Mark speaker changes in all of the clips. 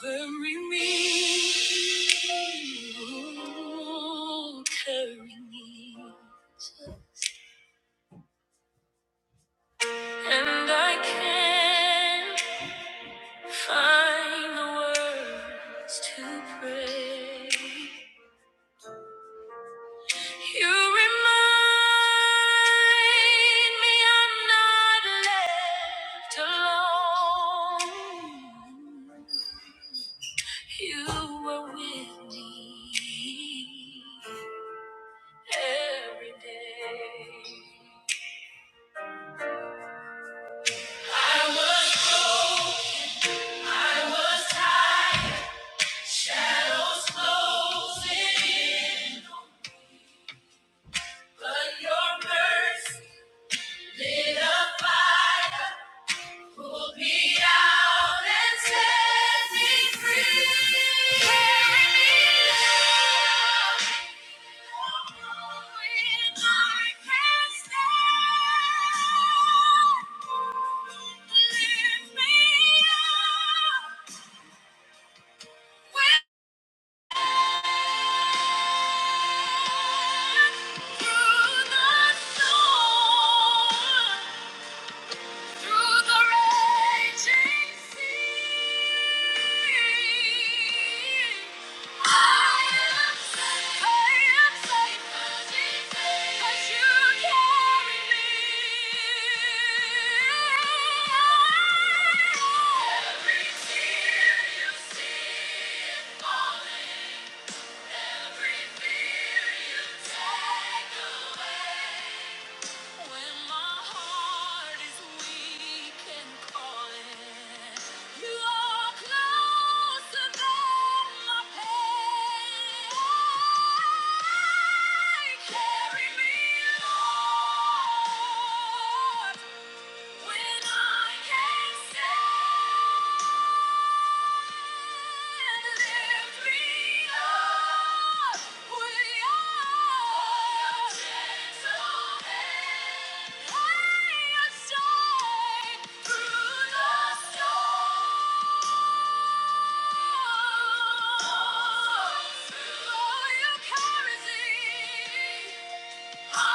Speaker 1: Carry me, carry me, and I can't find the words to pray. You remind me I'm not left alone. You were with me every day. Our shadows closing, but your mercy lit a fire. Pull me out and set me free. Carry me out when I can't stand. Lift me up when through the storm. Through the raging sea, I am safe. I am safe. 'Cause you carry me. Every tear you see is falling. When I can't stand Oh, you carry me. Shelter!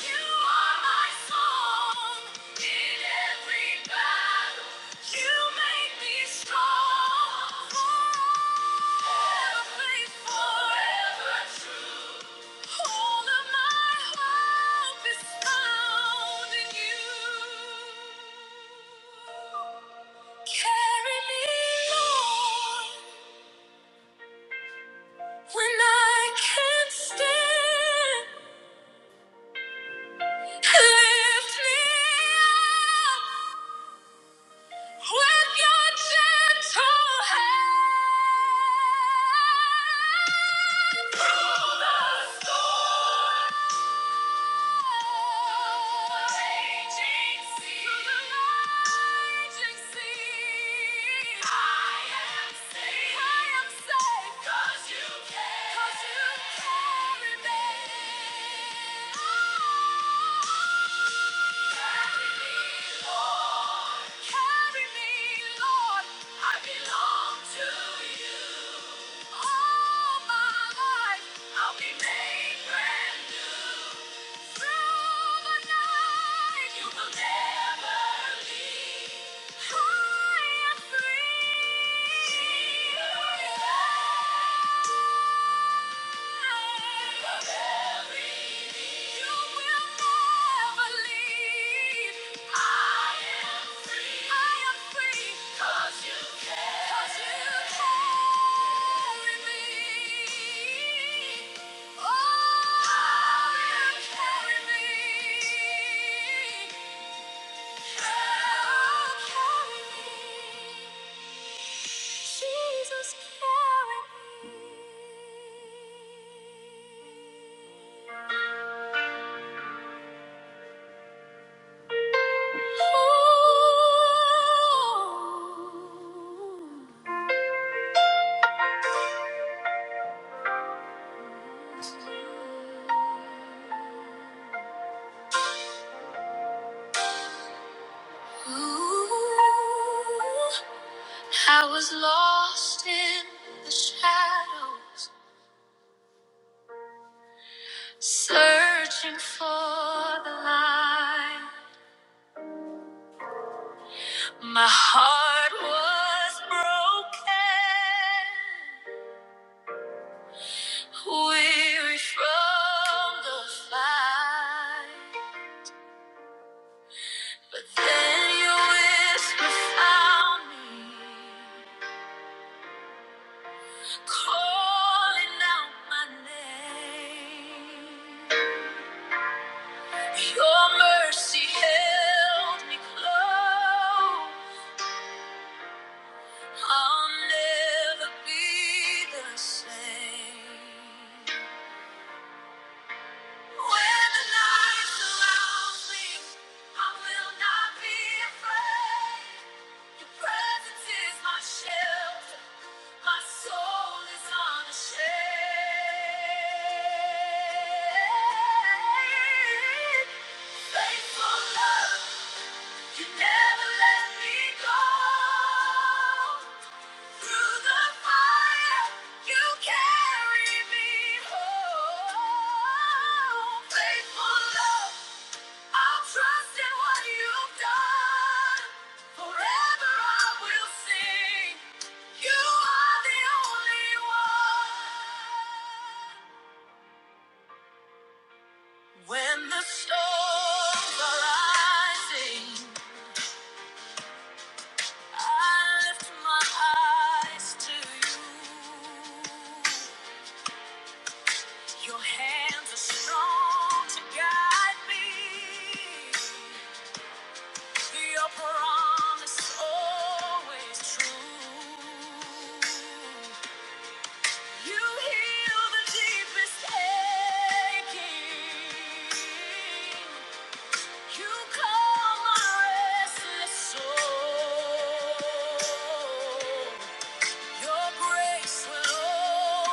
Speaker 1: You are my song in every battle. You make me strong. Forever faithful, forever true. All of my hope is found in you. Carry me, Lord, when I can't stand. Lift me up. With your gentle hand, through the storm, raging sea, through the raging sea, I am safe. I am safe 'cause you care. 'Cause you carry me. I am free. Oh, you carry me. Jesus, carry me. Ooh. Ooh. I was lost in the shadows, searching for the light. My heart was broken, weary from the fight. But then your whisper found me, calling out my name. Your mercy held me close. I'll never be the same. When the night surrounds me, I will not be afraid. Your presence is my shelter. My soul is unashamed. Faithful love, you never let me go. Through the fire, you carry me home. Faithful love, i trust in what you've done. Forever I will sing. You are the only one. When the storms are rising, I lift my eyes to you. Your hands are strong to guide me. Your promise always true. You heal the deepest aching. You calm my restless soul. Your grace will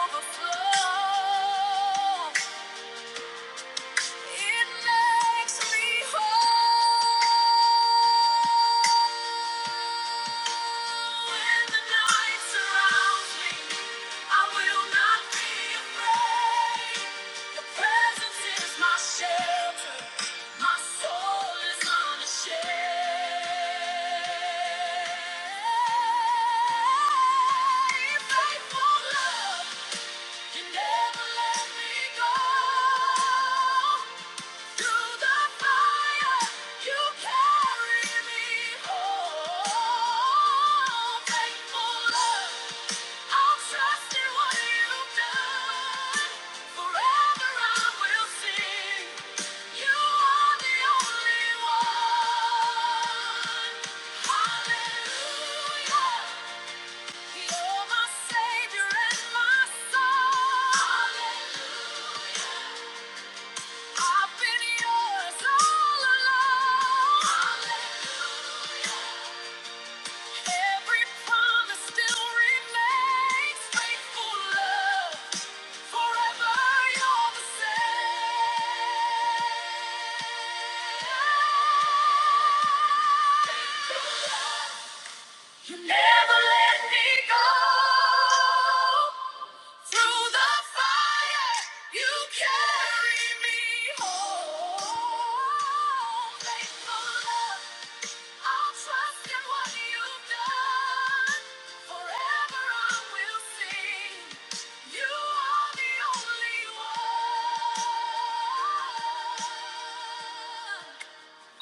Speaker 1: overflow. It makes me whole when the night surrounds me. I will not be afraid. Your presence is my shelter. My soul is unashamed. Faithful love, you never let me go. Through the fire, you carry me home. Faithful love, I'll trust in what you've done. Forever I will sing. You are the only one. Hallelujah, you're my savior and my song. Hallelujah. I've been yours all along. Every promise still remains. Faithful love, forever you're the same. You never let me go. Through the fire, you carry me home. Faithful love. I'll trust in what you've done. Forever I will sing. You are the only one.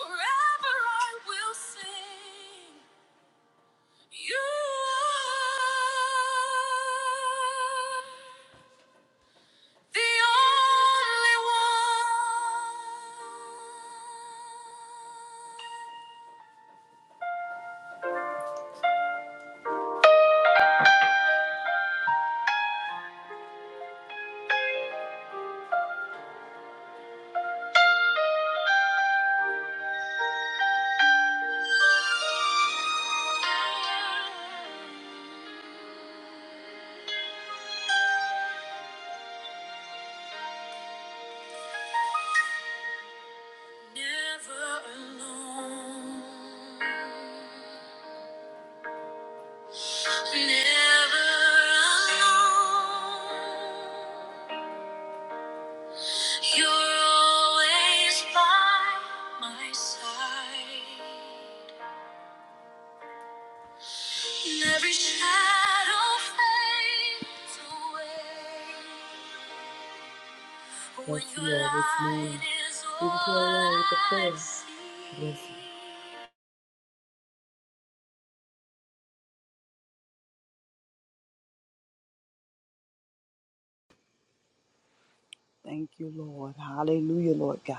Speaker 1: Forever I will sing. You are the only one. You're always by my side. And Every shadow fades away. When Yes, your yes, Lord. Give it light is Lord with the Yes.
Speaker 2: Thank you, Lord. Hallelujah, Lord God.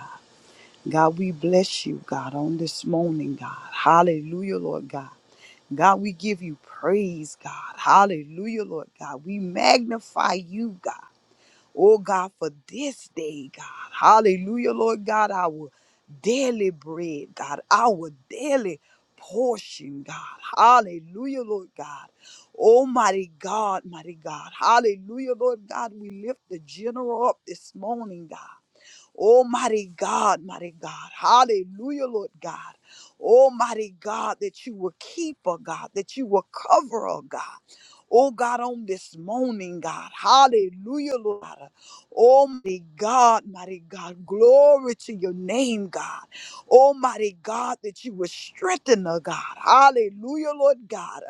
Speaker 2: God, we bless you, God, on this morning, God. Hallelujah, Lord God. God, we give you praise, God. Hallelujah, Lord God. We magnify you, God. Oh, God, for this day, God. Hallelujah, Lord God. Our daily bread, God. Our daily portion, God. Hallelujah, Lord God. Almighty God, mighty God. Hallelujah, Lord God. We lift the general up this morning, God. Oh, mighty God, mighty God. Hallelujah, Lord God. Almighty God, that you will keep, oh God, that you will cover, oh God. Oh God, on this morning, God. Hallelujah, Lord. Almighty God, mighty God. Glory to your name, God. Almighty God, that you will strengthen her, God. Hallelujah, Lord God.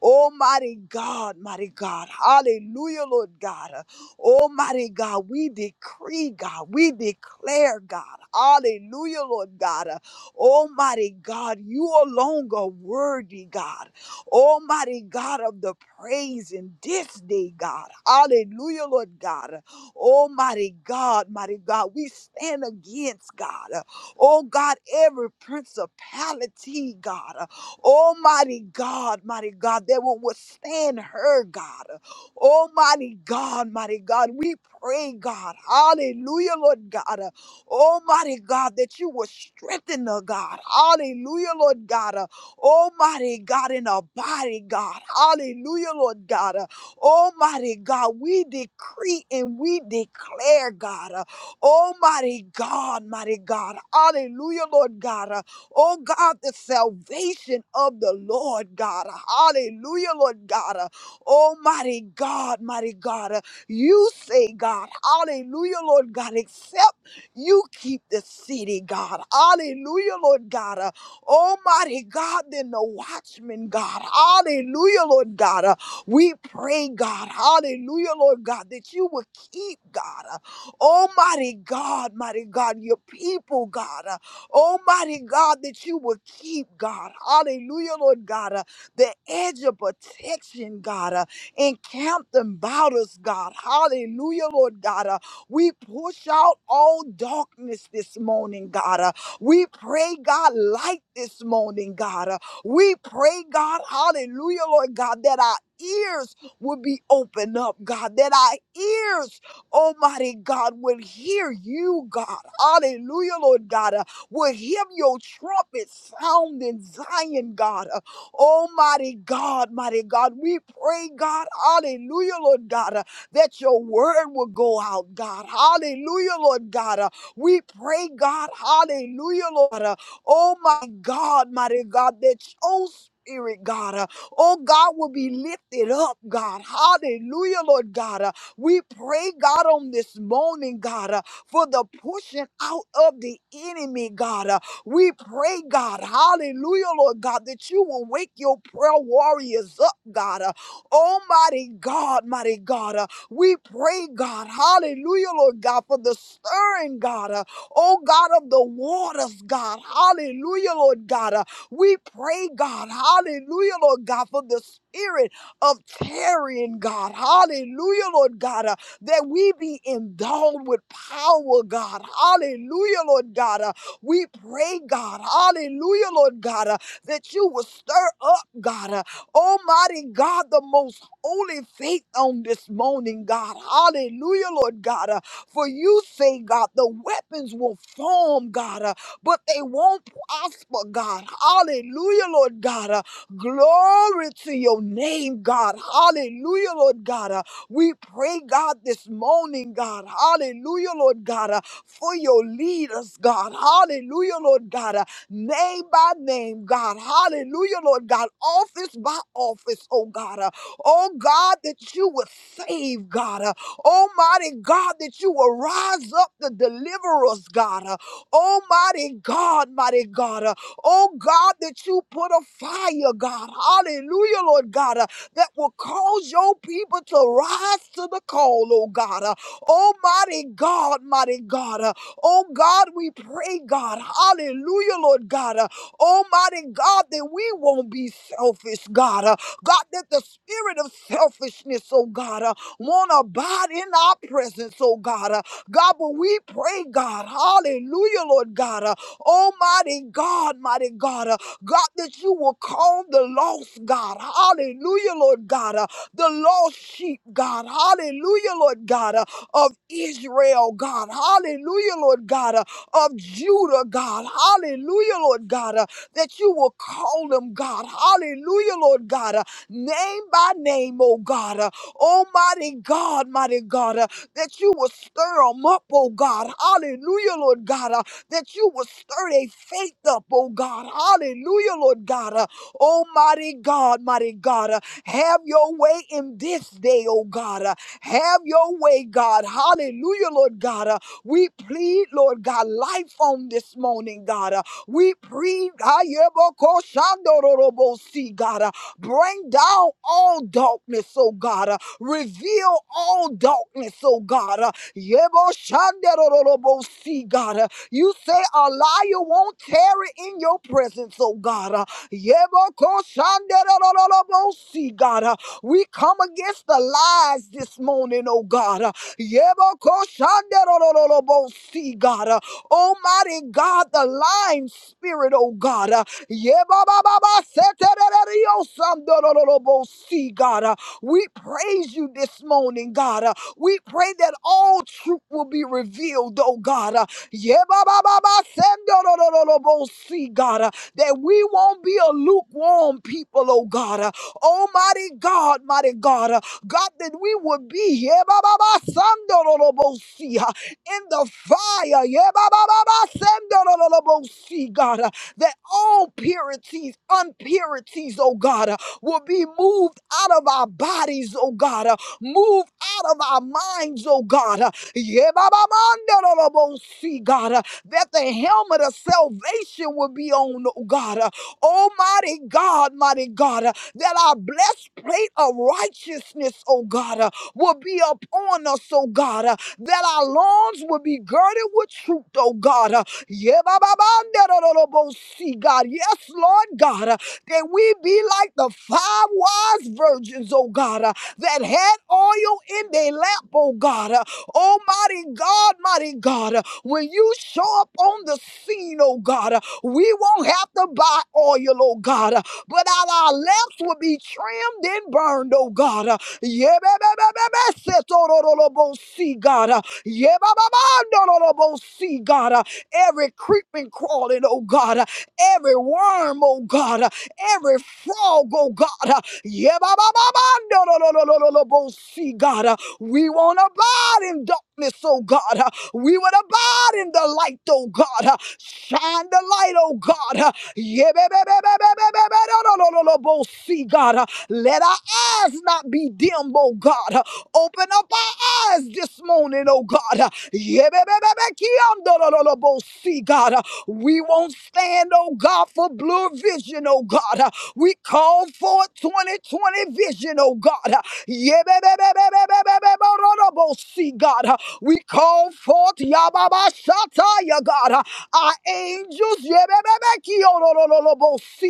Speaker 2: Almighty God, mighty God. Hallelujah, Lord God. Almighty God, we decree, God, we declare, God. Hallelujah, Lord God. Uh, Almighty God, you alone are worthy, God. Almighty God of the praise in this day, God. Hallelujah, Lord God. Almighty God, mighty God, we stand against, God. Uh, Oh God, every principality, God. Uh, Almighty God, mighty God, that will withstand her, God. Almighty God, mighty God, we pray, God, hallelujah, Lord God, uh, almighty God, that you will strengthen her, God, hallelujah, Lord God, uh, almighty God, in her body, God, hallelujah, Lord God, uh, almighty God, we decree and we declare, God, uh, almighty God, mighty God, hallelujah, Lord God, uh, oh God, the salvation of the Lord, God, hallelujah, Lord God, Oh, mighty God, mighty God, uh, you say, God, hallelujah, Lord God, except you keep the city, God. Hallelujah, Lord God. Uh, Almighty God, then the watchman, God. Hallelujah, Lord God. Uh, we pray, God. Hallelujah, Lord God, that you will keep, God. Uh, Almighty God, mighty God, your people, God. Uh, Almighty God, that you will keep, God. Hallelujah, Lord God. uh, the edge of protection, God. Uh, encamp them about us, God. Hallelujah, Lord God. Uh, we push out all darkness this morning, God. Uh, we pray, God, light this morning, God. Uh, we pray, God, hallelujah, Lord God, that our ears will be opened up, God, that our ears, Almighty God, will hear you, God. Hallelujah, Lord God. Uh, will hear your trumpet sound in Zion, God. Uh, Almighty God, mighty God, we pray, God, hallelujah, Lord God, uh, that your word will go out, God, hallelujah, Lord God. uh, we pray, God, hallelujah, Lord, uh, oh my God, mighty God, that your spirit, God, uh, oh God, will be lifted up, God, hallelujah, Lord God. uh, we pray, God, on this morning, God, uh, for the pushing out of the enemy, God. uh, we pray, God, hallelujah, Lord God, that you will wake your prayer warriors up, God. Uh, Almighty God, mighty God, uh, we pray, God, hallelujah, Lord God, for the stirring, God, uh, oh God of the waters, God, hallelujah, Lord God. Uh, we pray, God, hallelujah, Lord God, for the spirit of tarrying, God, hallelujah, Lord God, uh, that we be endowed with power, God, hallelujah, Lord God, uh, we pray, God, hallelujah, Lord God, uh, that you will stir up, God, uh, Almighty God, the most holy faith on this morning, God, hallelujah, Lord God. uh, for you say, God, the weapons will form, God, uh, but they won't prosper, God, hallelujah, Lord God. uh, glory to your name, God, hallelujah, Lord God. uh, we pray, God, this morning, God, hallelujah, Lord God. uh, for your leaders, God. Hallelujah, Lord God. Uh, Name by name, God. Hallelujah, Lord God. Office by office, oh God. Uh, Oh God, that you would save, God. Uh, Almighty God, that you will rise up the deliverers, God. Uh, Almighty God, mighty God. Uh, Oh God, that you put a fire, God. Hallelujah, Lord God, uh, that will cause your people to rise to the call, oh God. Uh, Oh, mighty God, mighty God. Uh, Oh, God, we pray, God. Hallelujah, Lord God. Uh, Oh, mighty God, that we won't be selfish, God. Uh, God, that the spirit of selfishness, oh God, uh, won't abide in our presence, oh God. Uh, God, but we pray, God. Hallelujah, Lord God. Uh, Oh, mighty God, mighty God. Uh, God, that you will call the lost, God. Hallelujah, Lord God. Uh, the lost sheep, God. Hallelujah, Lord God. Uh, of Israel, God. Hallelujah, Lord God. uh, Of Judah, God. Hallelujah, Lord God. uh, That you will call them, God. Hallelujah, Lord God. uh, Name by name, oh God. uh, Almighty God, mighty God. uh, That you will stir them up, oh God. Hallelujah, Lord God. uh, That you will stir their faith up, oh God. Hallelujah, Lord God. uh, Almighty God, mighty God. uh, Have your way in this day, oh God. uh, have your way, God. Hallelujah, Lord God. Uh, we plead, Lord God, life on this morning, God. Uh, we plead, Ayebokoshandororobosi, God. Uh, bring down all darkness, oh God. Uh, reveal all darkness, oh God. Uh, Yeboshandororobosi, God. Uh, you say a liar won't tarry in your presence, oh God. Uh, Yebokoshandororobosi, God. Uh, we come against the lies this morning, oh God. Uh, Yebokoshanderorororobosi, God. Uh, Almighty God, the lying spirit, oh God. Uh, Yebababaseterereriosamdorororobosi, God. Uh, We praise you this morning, God. Uh, We pray that all truth will be revealed, oh God. Uh, Yebabababasemdorororobosi, God. Uh, That we won't be a lukewarm people, oh God. Uh, Almighty God, mighty God, uh, God, that we would be here ba, ba, ba, sando, lo, lo, bo, si, uh, in the fire, yeah, ba, ba, ba, ba, sando, lo, lo, lo, bo, si, God, uh, that all purities, unpurities, oh God, uh, will be moved out of our bodies, oh God, uh, moved out of our minds, oh God, uh, yeah, ba, ba, mando, lo, lo, bo, si, God, uh, that the helmet of salvation will be on, oh God, uh, Almighty God, mighty God. uh, that our blessed plate of righteousness, oh God, uh, will be upon us, oh God, uh, that our lawns will be girded with truth, oh God. uh, yeah, ba, ba, ba, da, da, da, da, bo, see, God. Yes, Lord God, uh, that we be like the five wise virgins, oh God, uh, that had oil in their lamp, oh God. uh, Almighty God, mighty God, uh, when you show up on the scene, oh God, uh, we won't have to buy oil, oh God. uh, but that our lamps will be trimmed and burned, oh God. Uh, yeah, ba- ba- ba- ba- ba- set, oh, ro- ro- ro- bo- see, God. Uh, yeah, ba- ba- ba- no, ro- ro- bo- see, God. Uh, Every creeping, crawling, oh God. Uh, Every worm, oh God. Uh, Every frog, oh God. Uh, yeah, ba- ba- ba- ba- no, ro- ro- ro- ro- ro- ro- bo- see, God. Uh, We won't abide in darkness, oh God. Uh, we would abide in the light, oh God. Shine the light, oh God. See, God. Let our eyes not be dim, oh God. Open up our eyes this morning, oh God. See, God. We won't stand, oh God, for blue vision, oh God. We call forth 2020 vision, oh God. Yebebebebebebebebebebebebo, See, God. We call forth Yababashata, ya God. Our angels, see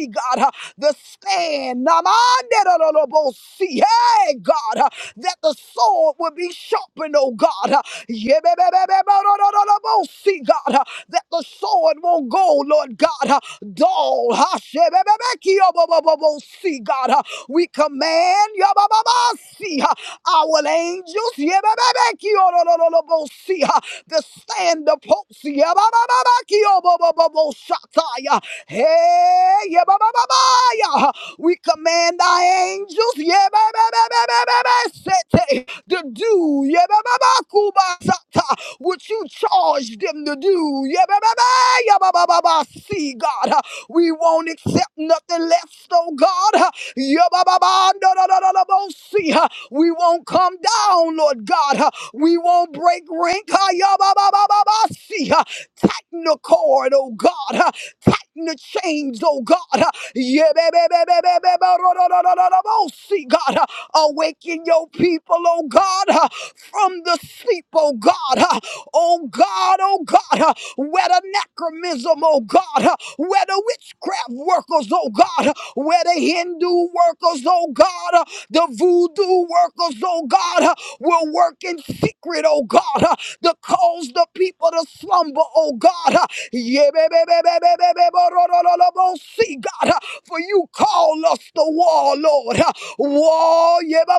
Speaker 2: God, uh, the stand, Namanderolobosi, hey God, uh, that the sword would be sharpened, oh God, uh, Yebebebebebebebebebebebebebebosi, God, uh, that the sword won't go, Lord God, uh, dull, Hashebebebekiobobobobosi, God, uh, we command, Yabababasi, uh, our angels, yebebebekiyolololobosi, uh, to stand the post, yebebebekiyobobobobosataya. hey, yebebebebaya. we command our angels yebebebebebebesete, to do yebebebekubasata, what you charge them to do. Yebebebe, yebebebebe. See, God. We won't accept nothing less, oh God. Yabababa, no, no, no, no, no, no, see, huh? We won't come down, Lord God. huh? We won't break rank. huh? Yeah, ba ba ba ba. see, huh? Tighten the cord, oh God. huh? Tighten the chains, oh God. huh? Yebebebebebebe, no, no, no, no, no, no, see, God. huh? Awaken your people, oh God, huh? from the sleep, oh God. huh? oh God, oh God, uh, where the necromism, oh God, uh, where the witchcraft workers, oh God, uh, where the Hindu workers, oh God, uh, the voodoo workers, oh God, uh, will work in secret, oh God, uh, to cause the people to slumber, oh God. uh, yeah, baby, baby, baby, baby, ba- ba- ba- ba- ro- ro- ro- ro- ro- See, God, uh, for you call us the war, Lord. uh, War, yeah,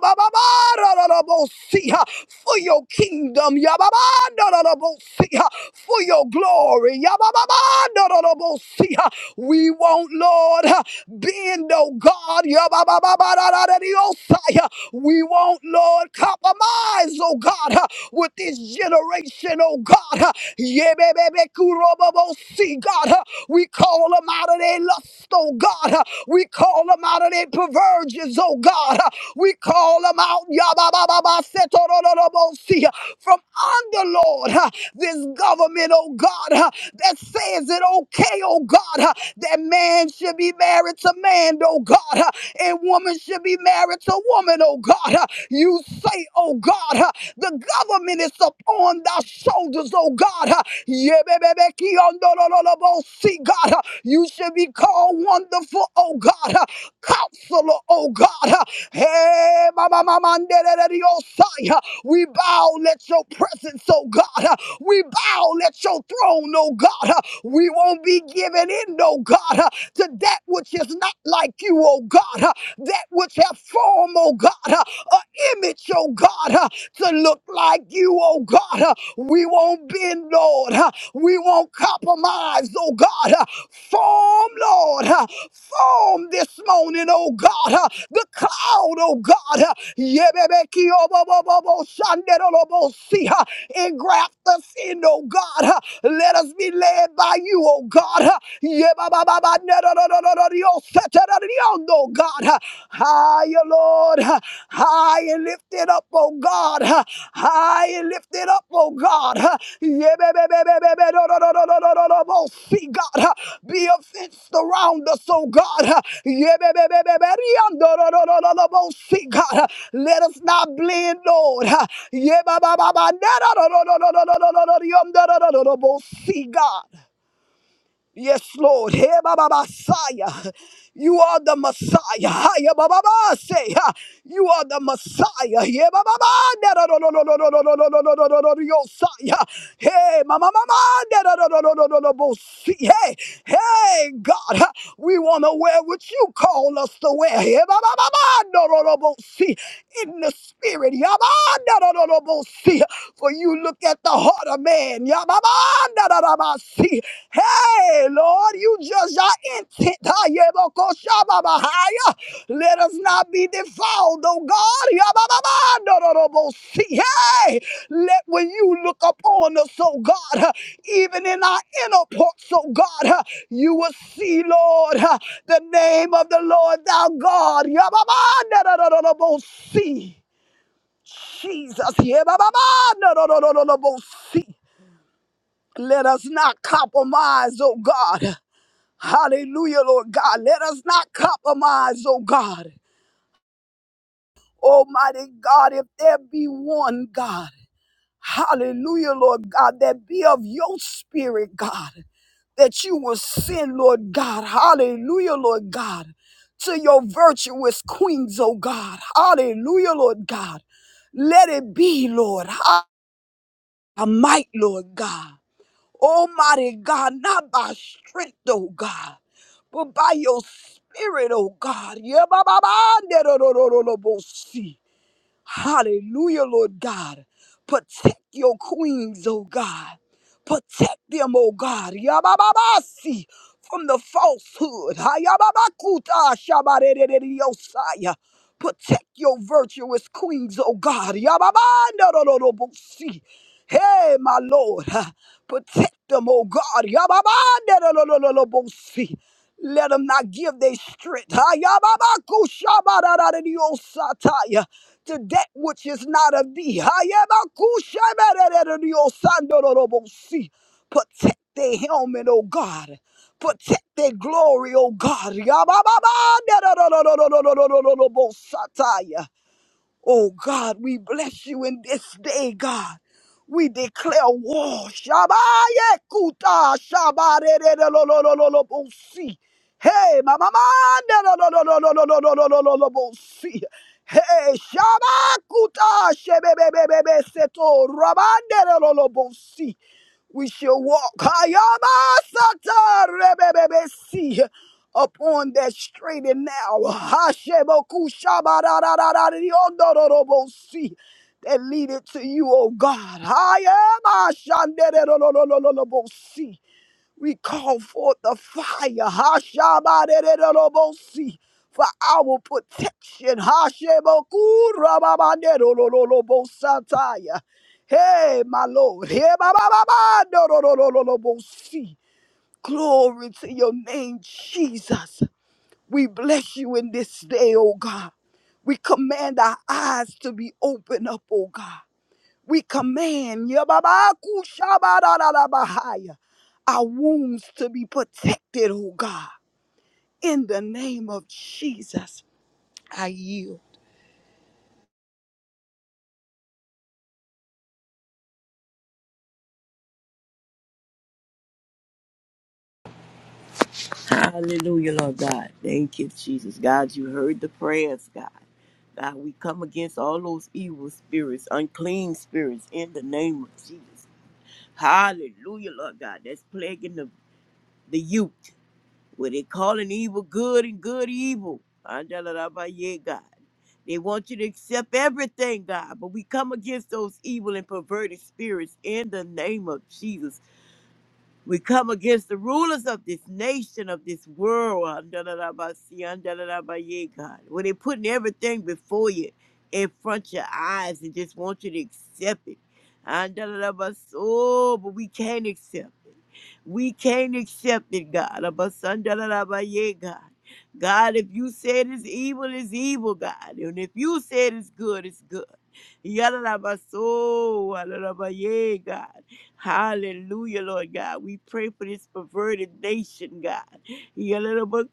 Speaker 2: for your kingdom, for your glory. We won't, Lord, bend, oh God. We won't, Lord, compromise, oh God, with this generation, oh God. Yebebebekurobobosi, God, we call them out of their lust, oh oh God. uh, We call them out of their perversions, oh God. uh, We call them out yababababasetorolobosi, from under, Lord, uh, this government, oh God, uh, that says it okay, oh God, uh, that man should be married to man, oh God, uh, and woman should be married to woman, oh God. uh, You say, oh God, uh, the government is upon thy shoulders, oh God. uh, See, God, you should be called wonderful, oh God, counselor, oh God. Hey, mama, mama, we bow, at your presence, oh God. We bow, at your throne, oh God. We won't be given in, oh God, to that which is not like you, oh God. That which have form, oh God, an image, oh God. God, uh, to look like you, oh God. uh, We won't bend, Lord. uh, We won't compromise, oh God. uh, Form, Lord. uh, Form this morning, oh God. uh, The cloud, oh God. uh, Yebebeki obobobobo shanderolobosi, uh, Engraft us in, oh God. uh, Let us be led by you, oh God. uh, Yebabababa nerororororioseterariosai, on, oh God. uh, Higher, Lord. uh, High and lifted up, oh God. uh, High and lifted up, oh God. uh, yeah, baby, baby, baby, no, no, no, no, no, no, no, no, no. See, God, uh, be a fence around us, oh God. uh, yeah, baby, baby, baby, no, no, no, no, no, no, no. See, God, uh, let us not blend, Lord. uh, yeah, ba, ba, ba, ba, no, no, no, no, no, no, no, no, no, no, no, no, no, no, no, no. See, God. Yes, Lord. Hey, Baba Messiah. You are the Messiah. Hey, Baba say, You are the Messiah. Hey, Baba Baba. No, no, no, no, no, no, no, no, no, no, no, no, no, no, Messiah. Hey, Mama Mama. No, no, no, no, no, no, no, no, see. Hey, hey, God. huh, We want to wear what you call us to wear. Hey, Baba Mama. In the spirit. Yabba, for you look at the heart of man. Yababandadadabasi. Hey, Lord, you judge our intent. Hayebokoshababahaya. Let us not be defiled, oh God. Yabababandadadabosi. Hey, let when you look upon us, oh God, uh, even in our inner parts, oh God, uh, you will see, Lord, uh, the name of the Lord thou God. Yababandadadadabosi. Jesus. yeah, ba ba ba Yabababandadadadabosi. Let us not compromise, oh God. Hallelujah, Lord God. Let us not compromise, oh God. Almighty God, if there be one God, hallelujah, Lord God, that be of your spirit, God, that you will send, Lord God, hallelujah, Lord God, to your virtuous queens, oh God, hallelujah, Lord God. Let it be, Lord, our might, Lord God. Almighty God, not by strength, oh God, but by your spirit, oh God. Yeah, ba, ba, ba, ne, do, do, do, do, do, bo, see. Hallelujah, Lord God. Protect your queens, oh God. Protect them, oh God. Yabababasi from the falsehood. Hayababakuta shabarerereriosaya. Protect your virtuous queens, oh God. Yababandarororobosi. Hey, my Lord. huh. Protect them, oh God. Yababandarorororobosi. Let them not give their strength. Hayababakushabarerereriosataya to that which is not of thee. Hayabakushabarararariyosandororobosi. Protect their helmet, O God. Protect their glory, O God. Yabababa, Oh God, we bless you in this day, God. We declare war. Shabaye kuta shabare de de lo lo lo lo lo bo si. Hey, mama manda lo lo lo lo lo lo lo lo lo lo lo bo si. Hey, shabakuta shebe be be be be seto rabande lo lo lo bo si. We shall walk Hayabasata, rebebebesi, upon that straight and narrow. Hasheboku shabararararariondororobosi, That leadeth to you, O God. Hayamashandererololololobosi. We call forth the fire. Hashabaderebosi. For our protection. Hashebokurababandorolobosataya. Hey, my Lord. Hey, babababandorololobosi. Glory to your name, Jesus. We bless you in this day, oh God. We command our eyes to be open up, oh God. We command yababakushabadadadabahaya, our wounds to be protected, oh God, in the name of Jesus. I yield.
Speaker 3: Hallelujah, Lord God. Thank you, Jesus. God, you heard the prayers, God. God, we come against all those evil spirits, unclean spirits, in the name of Jesus. Hallelujah, Lord God. That's plaguing the, the youth. Where they calling evil good and good evil. Andalarabaye, God. They want you to accept everything, God. But we come against those evil and perverted spirits in the name of Jesus. We come against the rulers of this nation, of this world. ah, da, da, da, ba, si, ah, da, da, da, ba, yeah, God. When they're putting everything before you, in front of your eyes, and just want you to accept it. Ah, da, da, da, ba, so, but we can't accept it. We can't accept it, God. Ah, ba, son, da, da, da, ba, yeah, God. God, if you said it's evil, it's evil, God. And if you said it's good, it's good. Yada, da, ba, so, ah, da, da, ba, yeah, God. Hallelujah, Lord God. We pray for this perverted nation, God. Yeah, God.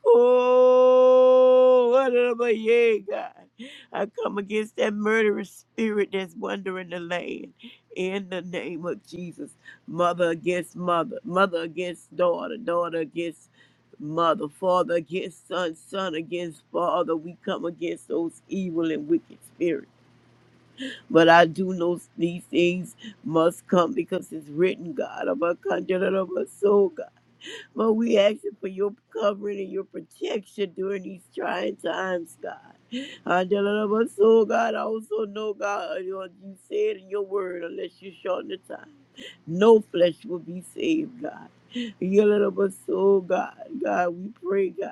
Speaker 3: I come against that murderous spirit that's wandering the land. In the name of Jesus. Mother against mother. Mother against daughter. Daughter against mother. Father against son. Son against father. We come against those evil and wicked spirits but I do know these things must come because it's written, God, of our country and of our soul, God. But we ask you for your covering and your protection during these trying times, God. And of our soul, God, I also know, God, you know, you said in your word, unless you shorten the time, no flesh will be saved, God. Your little soul, God, God, we pray, God.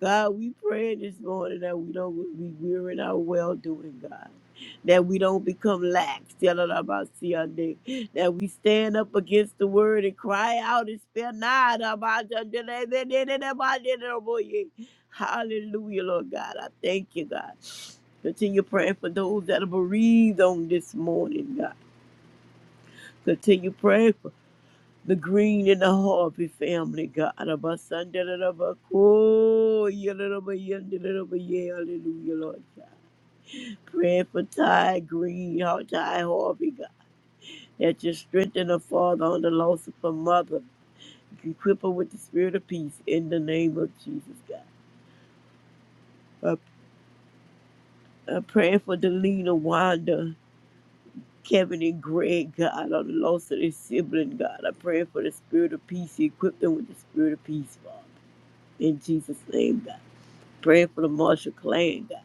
Speaker 3: God, we pray this morning that we don't be weary in our well doing, God. That we don't become lax, tell it about Sunday. That we stand up against the word and cry out and spare not about the Hallelujah, Lord God. I thank you, God. Continue praying for those that are bereaved on this morning, God. Continue praying the Green and the Harvey family, God. of our son, da, da, da, ba, cool, yeah, da, da, ba, yeah, da, da, da, ba, yeah, Hallelujah, Lord God. Praying for Ty Green, Har- Ty Harvey, God. That you strengthen her father on the loss of her mother. Equip her with the spirit of peace in the name of Jesus, God. Uh, uh, praying for Delina Wanda, Kevin and Greg, God, on the loss of their sibling, God. I'm praying for the spirit of peace. Equip them with the spirit of peace, Father. In Jesus' name, God. Pray for the Marshall clan, God.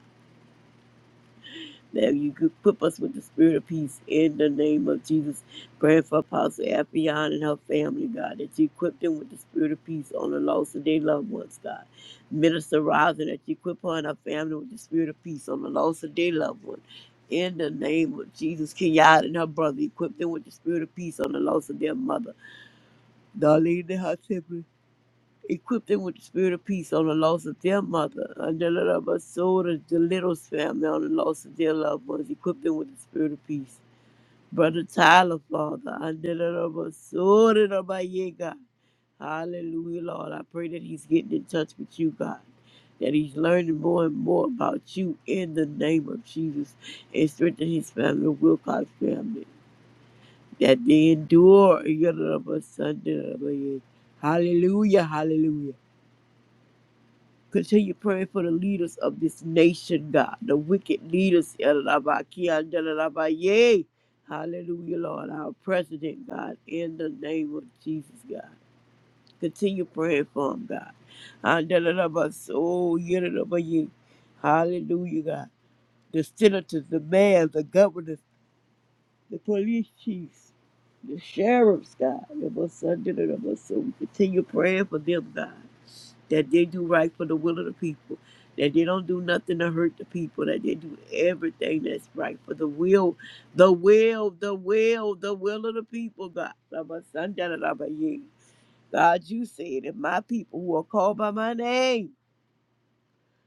Speaker 3: That you could equip us with the spirit of peace in the name of Jesus. Praying for Apostle Affion and her family, God, that you equip them with the spirit of peace on the loss of their loved ones, God. Minister Rising, that you equip her and her family with the spirit of peace on the loss of their loved one. In the name of Jesus, Kenyatta and her brother, equip them with the spirit of peace on the loss of their mother. Darlene and her siblings. Equip them with the spirit of peace on the loss of their mother, and the little of us, so does the Littles family on the loss of their loved ones. Equip them with the spirit of peace. Brother Tyler, Father, and the little of us, so does my yeah, God. Hallelujah, Lord. I pray that he's getting in touch with you, God. That he's learning more and more about you in the name of Jesus and strengthen his family, the Wilcox family. That they endure. Hallelujah, hallelujah. Continue praying for the leaders of this nation, God, the wicked leaders. Yalalabakia, yalalabaye. Hallelujah, Lord, our president, God, in the name of Jesus, God. Continue praying for him, God. Ah, yalalabaso, yalalabaye. Hallelujah, God. The senators, the mayors, the governors the police chiefs, the sheriffs, God, the most under the most so we continue praying for them, God, that they do right for the will of the people, that they don't do nothing to hurt the people, that they do everything that's right for the will, the will, the will, the will of the people, God. The most under the Lord, yeah. God, you said, if my people who are called by my name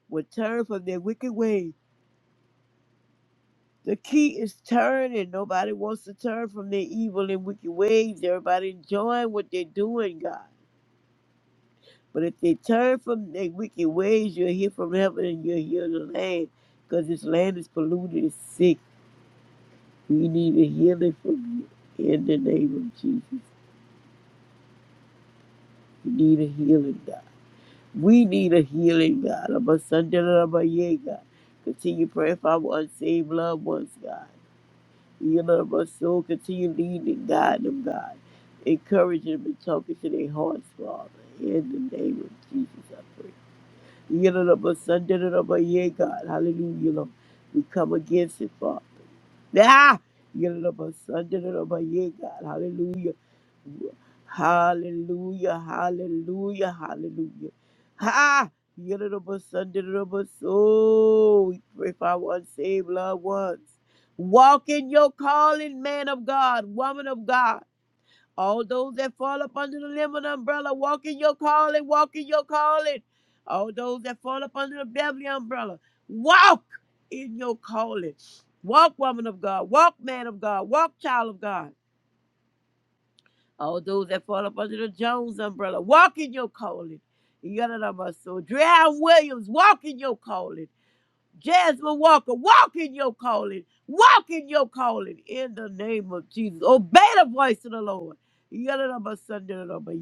Speaker 3: would turn from their wicked ways, The key is turn, and nobody wants to turn from their evil and wicked ways. Everybody enjoying what they're doing, God. But if they turn from their wicked ways, you'll hear from heaven and you'll heal the land. Because this land is polluted, it's sick. We need a healing from you in the name of Jesus. We need a healing, God. We need a healing, God. I'm a son, I'm a yeah, God. Continue praying for our unsaved loved ones, God. You love my soul. Continue leading and guiding them, God. Encouraging them and talking to their hearts, Father. In the name of Jesus, I pray. You love my son, da, da, da, my yeah, God. Hallelujah, Lord. We come against it, Father. Ah! You love my son, da, da, da, my yeah, God. Hallelujah. Hallelujah, hallelujah, hallelujah. Ha! Yididibus, sundididibus. Oh, we pray for our unsaved loved ones. Walk in your calling, man of God, woman of God. All those that fall up under the limb of the umbrella, walk in your calling, walk in your calling. All those that fall up under the Beverly umbrella, walk in your calling. Walk, woman of God, walk, man of God, walk, child of God. All those that fall up under the Jones umbrella, walk in your calling. Yadadabba. So Drown Williams, walk in your calling. Jasmine Walker, walk in your calling. Walk in your calling in the name of Jesus. Obey the voice of the Lord. Yadadaba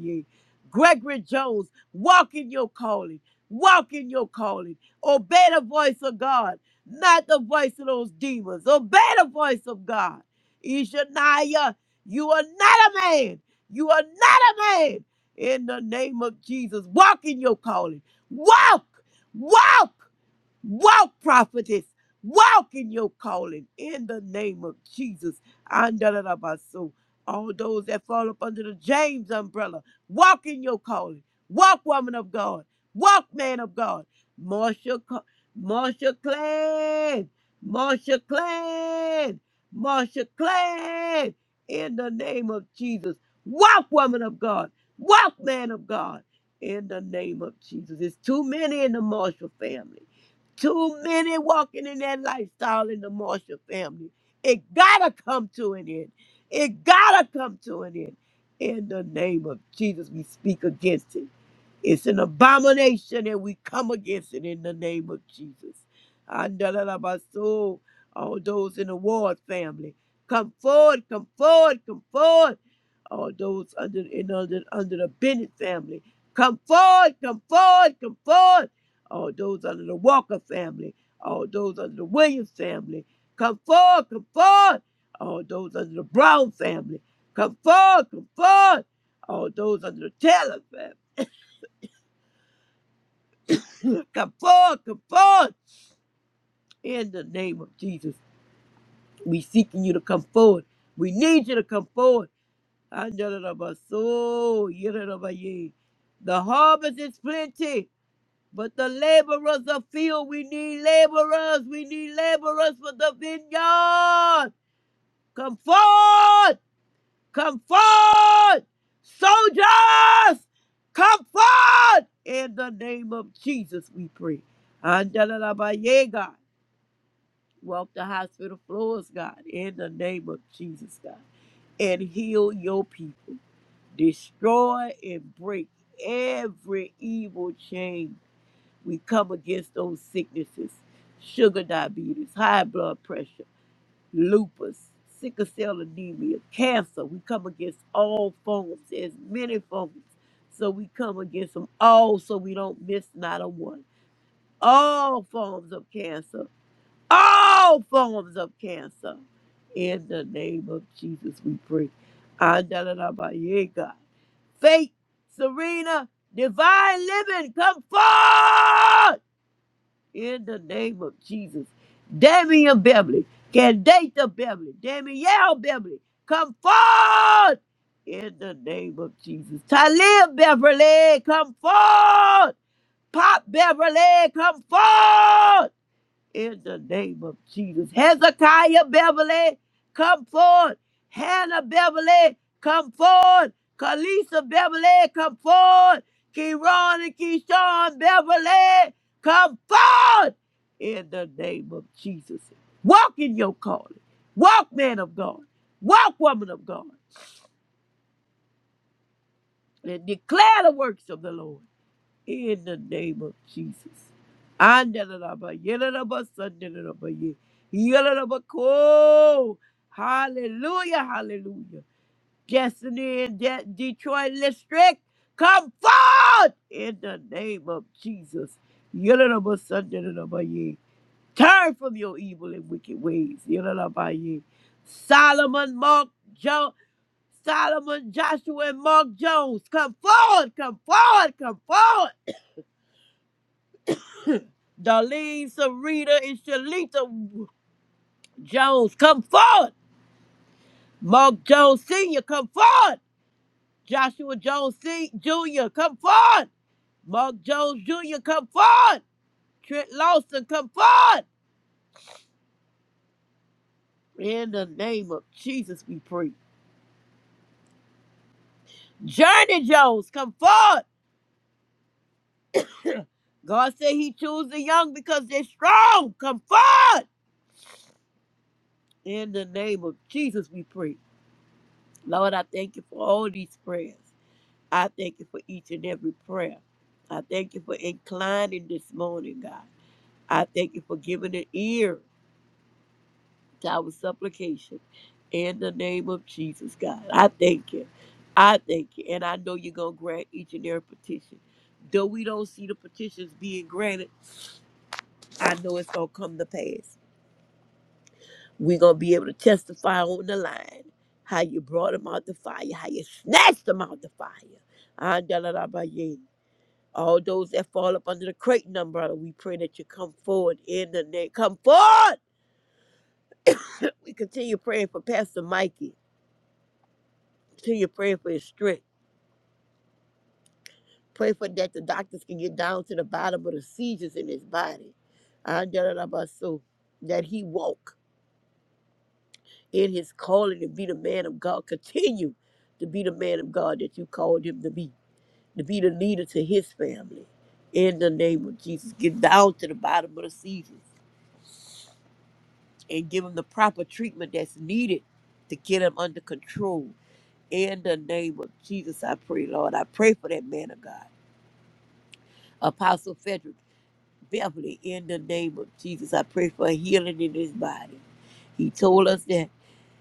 Speaker 3: yea. Gregory Jones, walk in your calling. Walk in your calling. Obey the voice of God, not the voice of those demons. Obey the voice of God. Ishaniah, you are not a man. You are not a man. In the name of Jesus, walk in your calling. Walk, walk. Walk, prophetess. Walk in your calling in the name of Jesus. Andalabaso. All those that fall up under the James umbrella, walk in your calling. Walk, woman of God. Walk, man of God. Marsha, Co- Marsha Clan. Marsha Clan. Marsha Clan. In the name of Jesus. Walk, woman of God. Walk, man of God. In the name of Jesus. It's too many in the Marshall family too many walking in that lifestyle in the Marshall family. It gotta come to an end. It gotta come to an end. In the name of Jesus, we speak against it. It's an abomination and we come against it in the name of Jesus. Andalabaso, All those in the Ward family, come forward, come forward, come forward. All those under in under, under the Bennett family, come forward, come forward, come forward. All those under the Walker family, all those under the Williams family, come forward, come forward. All those under the Brown family, come forward, come forward. All those under the Taylor family. Come forward, come forward. In the name of Jesus, we seeking you to come forward. We need you to come forward. Andalabaso, yidalabaye. The harvest is plenty, but the laborers are few. We need laborers. We need laborers for the vineyard. Come forward, come forward. Soldiers, come forward. In the name of Jesus, we pray. Andalabaye, God. walk the hospital floors, God, in the name of Jesus, God, and heal your people. Destroy and break every evil chain. We come against those sicknesses sugar diabetes, high blood pressure, lupus, sickle cell anemia, cancer. We come against all forms, there's many forms. So we come against them all so we don't miss not a one. All forms of cancer all forms of cancer. In the name of Jesus, we pray. Andalalabaye, God. Faith, Serena, divine living, come forth in the name of Jesus. Damian Beverly, Candata Beverly, Danielle Beverly, come forth in the name of Jesus. Talib Beverly, come forth. Pop Beverly, come forth in the name of Jesus. Hezekiah Beverly, come forward. Hannah Beverly, come forward. Kalisa Beverly, come forward. Kieran and Keyshawn Beverly, come forward in the name of Jesus. Walk in your calling. Walk, man of God. Walk, woman of God. And declare the works of the Lord. in the name of Jesus. Andalalaba, yelalaba, sandalalaba, ye- yelalaba, ko. Hallelujah, hallelujah. Destiny in De- Detroit district, come forth in the name of Jesus. Yelalaba, sandalalaba, ye. Turn from your evil and wicked ways. Yelalaba, ye. Solomon, Mark, Joe, Solomon, Joshua, and Mark Jones, come forward, come forward, come forward Darlene, Sarita, and Shalita Jones, come forward. Mark Jones Sr., come forward. Joshua Jones C. Jr., come forward. Mark Jones Jr., come forward. Trent Lawson, come forward. In the name of Jesus, we pray. Journey Jones, come forward. God said he chooses the young because they're strong. Come forward. In the name of Jesus, we pray. Lord, I thank you for all these prayers. I thank you for each and every prayer. I thank you for inclining this morning, God. I thank you for giving an ear to our supplication in the name of Jesus, God. I thank you. I thank you. And I know you're going to grant each and every petition. Though we don't see the petitions being granted, I know it's going to come to pass. We're going to be able to testify on the line how you brought them out the fire, how you snatched them out the fire. Ah, yeah. All those that fall up under the Creighton umbrella, we pray that you come forward in the name. Come forward! We continue praying for Pastor Mikey. Continue praying for his strength. Pray for that the doctors can get down to the bottom of the seizures in his body. Andalabaso, That he walk in his calling to be the man of God. Continue to be the man of God that you called him to be. To be the leader to his family. In the name of Jesus. Get down to the bottom of the seizures. and give them the proper treatment that's needed to get them under control. In the name of Jesus, I pray, Lord. I pray for that man of God, Apostle Frederick Beverly. In the name of Jesus, I pray for a healing in his body. He told us that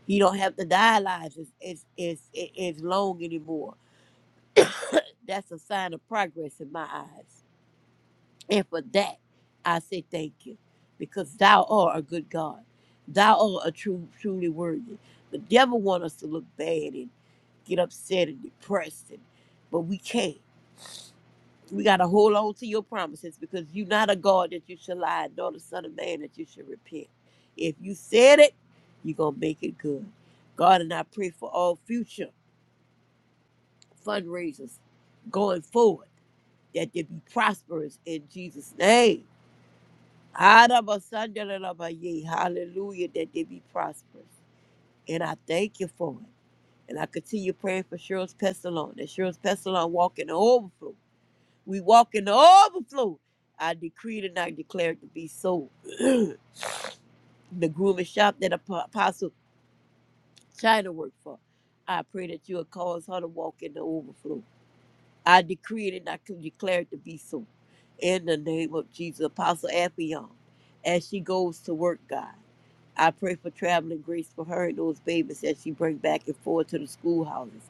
Speaker 3: he don't have to dialyze as, as, as, as long anymore. That's a sign of progress in my eyes. And for that, I say thank you, because thou art a good God. Thou art a true, truly worthy. The devil want us to look bad and get upset and depressed, and, but we can't. We got to hold on to your promises because you're not a God that you should lie, nor the Son of Man that you should repent. If you said it, you're going to make it good. God, and I pray for all future fundraisers going forward that they be prosperous in Jesus' name Arabasandalabaye. Hallelujah, that they be prosperous. And I thank you for it. And I continue praying for Cheryl's Pestilon, that Cheryl's Pestilon walk in the overflow. We walk in the overflow. I decreed and I declared to be so. the grooming shop that Apo- Apostle China worked for. I pray that you will cause her to walk in the overflow. I decree it and I can declare it to be so. In the name of Jesus, Apostle Appion, as she goes to work, God, I pray for traveling grace for her and those babies that she bring back and forth to the schoolhouses.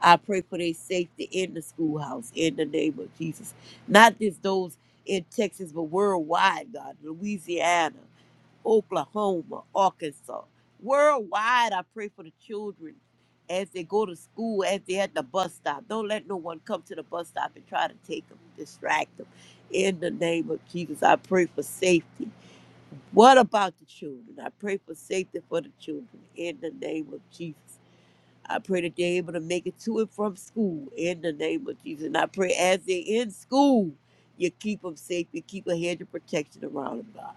Speaker 3: I pray for their safety in the schoolhouse in the name of Jesus. Not just those in Texas, but worldwide, God, Louisiana. Oklahoma, Arkansas. Worldwide, I pray for the children as they go to school, as they're at the bus stop. Don't let no one come to the bus stop and try to take them, distract them. In the name of Jesus, I pray for safety. What about the children? I pray for safety for the children in the name of Jesus. I pray that they're able to make it to and from school in the name of Jesus. And I pray as they're in school, you keep them safe, you keep a hedge of protection around them, God.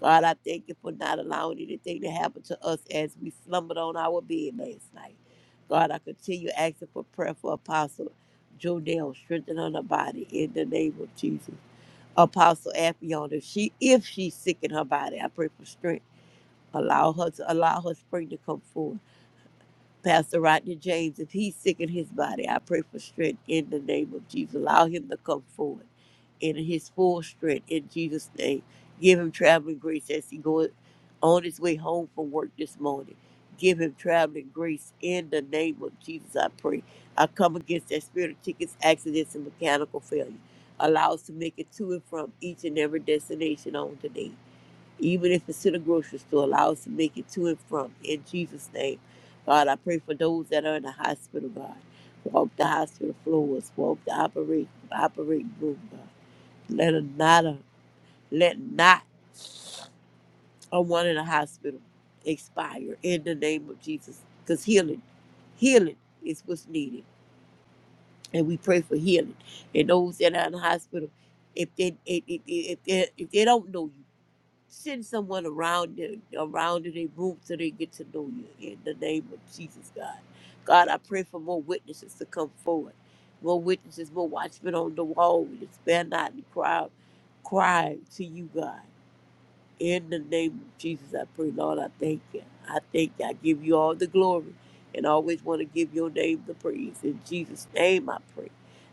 Speaker 3: God, I thank you for not allowing anything to happen to us as we slumbered on our bed last night. God, I continue asking for prayer for Apostle Jonell, strengthen on her body in the name of Jesus. Apostle Appion, if she if she's sick in her body, I pray for strength. Allow her to allow her spring to come forth. Pastor Rodney James, if he's sick in his body, I pray for strength in the name of Jesus. Allow him to come forward in his full strength in Jesus' name. Give him traveling grace as he goes on his way home from work this morning. Give him traveling grace in the name of Jesus, I pray. I come against that spirit of tickets, accidents, and mechanical failure. Allow us to make it to and from each and every destination on today even if it's to the grocery store, allow us to make it to and from. In Jesus' name, God, I pray for those that are in the hospital, God. Walk the hospital floors, walk the operating operating room, God. Let a not a, let not a one in the hospital expire in the name of Jesus, because healing, healing is what's needed, and we pray for healing. And those that are in the hospital, if they if, if, if, if they if they don't know you. Send someone around you, around in their room so they get to know you in the name of Jesus, God. God, I pray for more witnesses to come forward. More witnesses, more watchmen on the wall. We spare not the crowd. Cry to you, God. In the name of Jesus, I pray, Lord, I thank you. I thank you. I give you all the glory and always want to give your name the praise. In Jesus' name, I pray.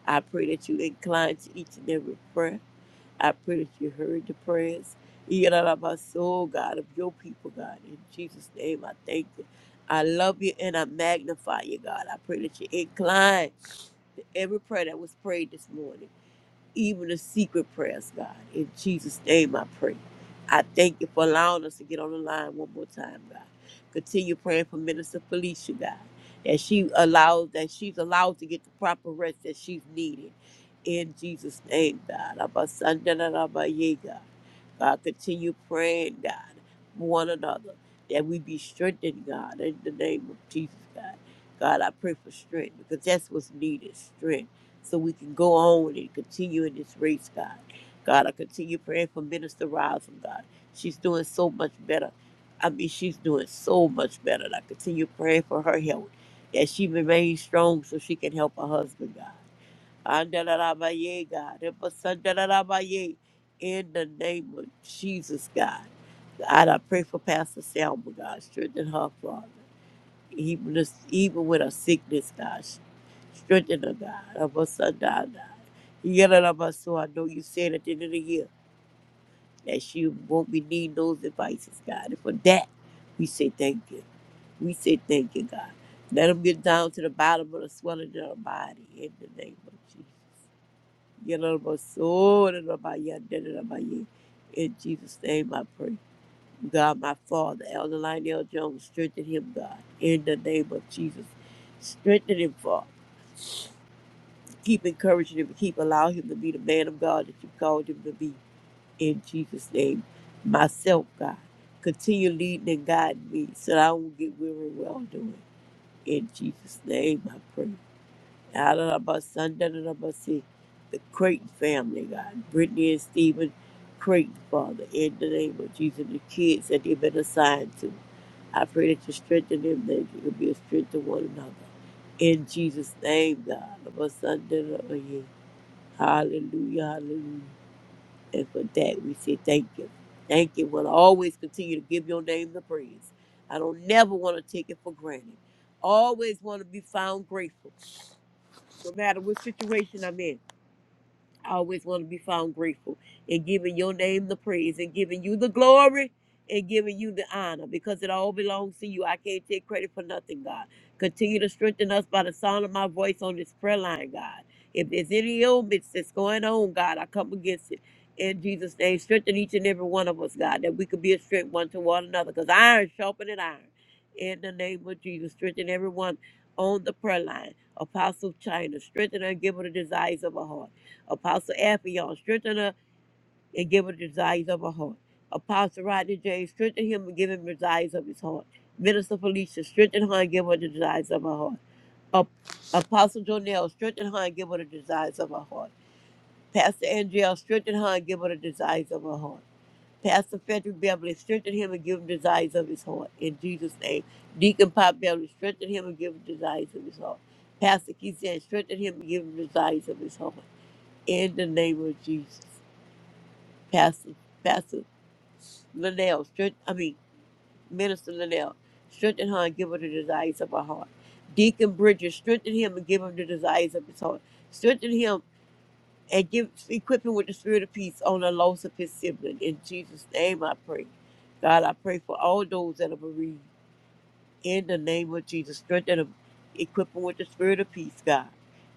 Speaker 3: I pray that you incline to each and every prayer. I pray that you heard the prayers. You get out of my soul, God, of your people, God. In Jesus' name, I thank you. I love you and I magnify you, God. I pray that you incline to every prayer that was prayed this morning even the secret prayers, God. In Jesus' name I pray. I thank you for allowing us to get on the line one more time, God. Continue praying for Minister Felicia, God, that she allows that she's allowed to get the proper rest that she's needed. In Jesus' name, God. Abba, Sanda, da, da, ba, ye, God. God, continue praying, God, for one another, that we be strengthened, God, in the name of Jesus, God. God, I pray for strength because that's what's needed, strength so we can go on and continue in this race, God. God, I continue praying for Minister Rosin, God. She's doing so much better. I mean, she's doing so much better. And I continue praying for her health, that she remains strong so she can help her husband, God. Andalarabaye, God. Help us, andalarabaye. In the name of Jesus, God. God, I pray for Pastor Selma, God. Strengthen her, Father. Even, us- even with our sickness, God, strengthen us, God. Of us, son, God. God. You got of us, so I know you said at the end of the year that she won't be needing those devices, God. And for that, we say thank you. We say thank you, God. Let them get down to the bottom of the swelling of our body in the name of Jesus. Get out of my soul and of my yard, dead and of my yard. In Jesus' name I pray. God, my Father, Elder Lionel Jones, strengthen him, God, in the name of Jesus. Strengthen him, Father. Keep encouraging him. Keep allowing him to be the man of God that you called him to be. In Jesus' name, myself, God, continue leading and guiding me so that I won't get weary well doing. In Jesus' name, I pray. Alalabasandalabasi, the Sunday, the Creighton family, God. Brittany and Stephen Creighton, Father, in the name of Jesus, the kids that they've been assigned to. I pray that you strengthen them, that you can be a strength to one another. In Jesus' name, God. Abasandalabasi. Hallelujah, hallelujah. And for that, we say thank you. Thank you. We'll always continue to give your name the praise. I don't never want to take it for granted. Always want to be found grateful no matter what situation I'm in. I always want to be found grateful and giving your name the praise and giving you the glory and giving you the honor because it all belongs to you. I can't take credit for nothing, God. Continue to strengthen us by the sound of my voice on this prayer line, God. If there's any ailments that's going on, God, I come against it. In Jesus' name, strengthen each and every one of us, God, that we could be a strength one to one another because iron sharpened iron. In the name of Jesus, strengthen everyone on the prayer line. Apostle China, strengthen her and give her the desires of her heart. Apostle Appion, strengthen her and give her desires of her heart. Apostle Rodney James, strengthen him and give him desires of his heart. Minister Felicia, strengthen her and give her the desires of her heart. Ap- Apostle Jonell, strengthen her and give her the desires of her heart. Pastor Angel, strengthen her and give her the desires of her heart. Pastor Frederick Beverly, strengthen him and give him desires of his heart. In Jesus' name. Deacon Pop Beverly, strengthen him and give him desires of his heart. Pastor Keith said, strengthen him and give him desires of his heart. In the name of Jesus. Pastor, Pastor Linnell, strength, I mean, Minister Linnell, strengthen her and give her the desires of her heart. Deacon Bridges, strengthen him and give him the desires of his heart. Strengthen him and give equip him with the spirit of peace on the loss of his sibling. In Jesus' name I pray. God, I pray for all those that are bereaved. In the name of Jesus, strengthen them, equip them with the spirit of peace, God.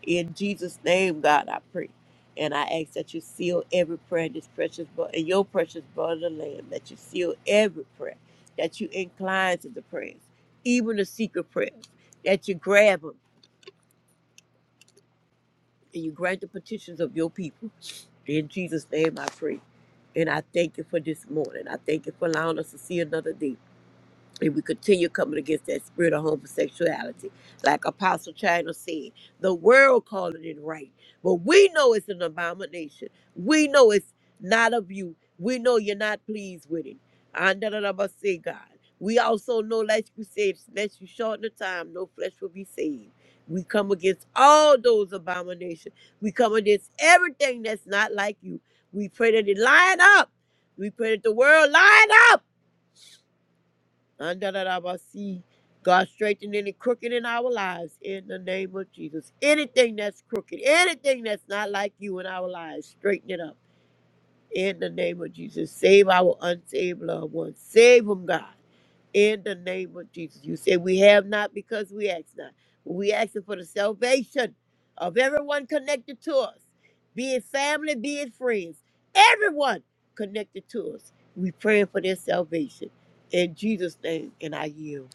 Speaker 3: In Jesus' name, God, I pray. And I ask that you seal every prayer in this precious blood, in your precious blood of the Lamb, that you seal every prayer, that you incline to the prayers, even the secret prayers, that you grab them and you grant the petitions of your people. In Jesus' name, I pray. And I thank you for this morning. I thank you for allowing us to see another day. if we continue coming against that spirit of homosexuality. Like Apostle China said, the world calling it right. But we know it's an abomination. We know it's not of you. We know you're not pleased with it. And da- da- da- but say God. We also know, like you said, unless you shorten the time, no flesh will be saved. We come against all those abominations. We come against everything that's not like you. We pray that it line up. We pray that the world line up Andalabasi. God, straighten any crooked in our lives in the name of Jesus. Anything that's crooked, anything that's not like you in our lives, straighten it up. In the name of Jesus, save our unsaved loved ones. Save them, God. In the name of Jesus. You say we have not because we ask not. We asking for the salvation of everyone connected to us, be it family, be it friends, everyone connected to us. We praying for their salvation. In Jesus' name, and I yield.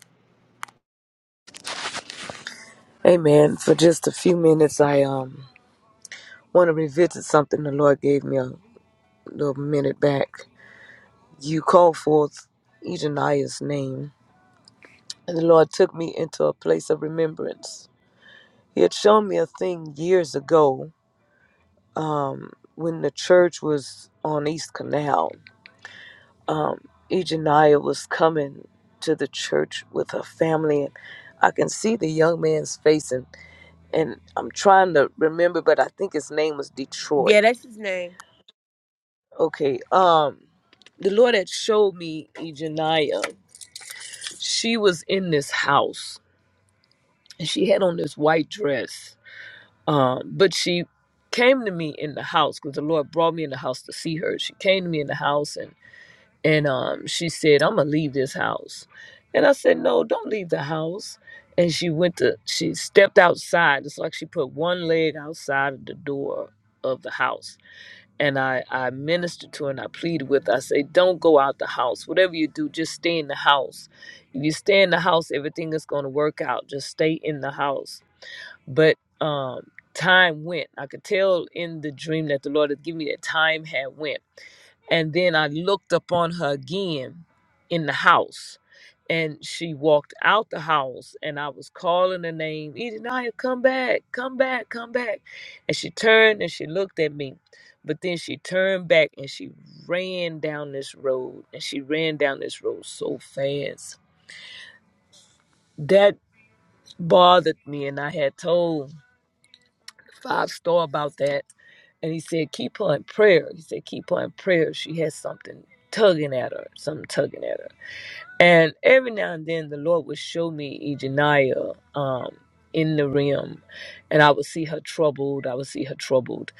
Speaker 1: Amen. For just a few minutes, I um want to revisit something the Lord gave me a little minute back. You called forth Ejaniah's name, and the Lord took me into a place of remembrance. He had shown me a thing years ago when the church was on East Canal. Um, Ejaniah was coming to the church with her family, and I can see the young man's face, and, and I'm trying to remember, but I think his name was Detroit
Speaker 3: Yeah, that's his name.
Speaker 1: Okay. Um, the Lord had showed me Ejaniah. She was in this house and she had on this white dress. Um, but she came to me in the house because the Lord brought me in the house to see her. She came to me in the house and and um, she said, "I'm gonna leave this house," and I said, "No, don't leave the house." And she went to she stepped outside. It's like she put one leg outside of the door of the house and I, I minister to and I plead with I say, don't go out the house. Whatever you do, just stay in the house. If you stay in the house, everything is going to work out. Just stay in the house but um, time went. I could tell in the dream that the Lord had given me that time had went. And then I looked upon her again in the house. And she walked out the house, and I was calling her name, Edenia, come back, come back, come back. And she turned and she looked at me. But then she turned back and she ran down this road, and she ran down this road so fast. That bothered me, and I had told five star about that. And he said, keep her in prayer. He said, keep her in prayer. She has something tugging at her, something tugging at her. And every now and then the Lord would show me Ejaniah um, in the rim. And I would see her troubled. I would see her troubled.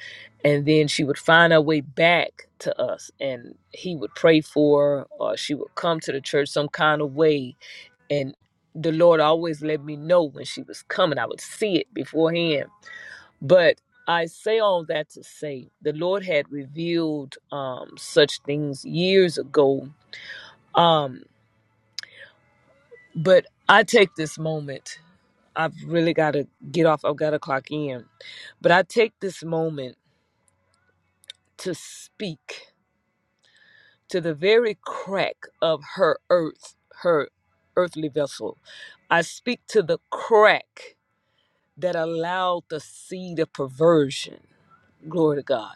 Speaker 1: And then she would find her way back to us. And he would pray for her or she would come to the church some kind of way. And the Lord always let me know when she was coming. I would see it beforehand but I say all that to say the Lord had revealed um, such things years ago. Um, but I take this moment. I've really got to get off. I've got to clock in. But I take this moment to speak to the very crack of her earth, her earthly vessel. I speak to the crack that allowed the seed of perversion. Glory to God.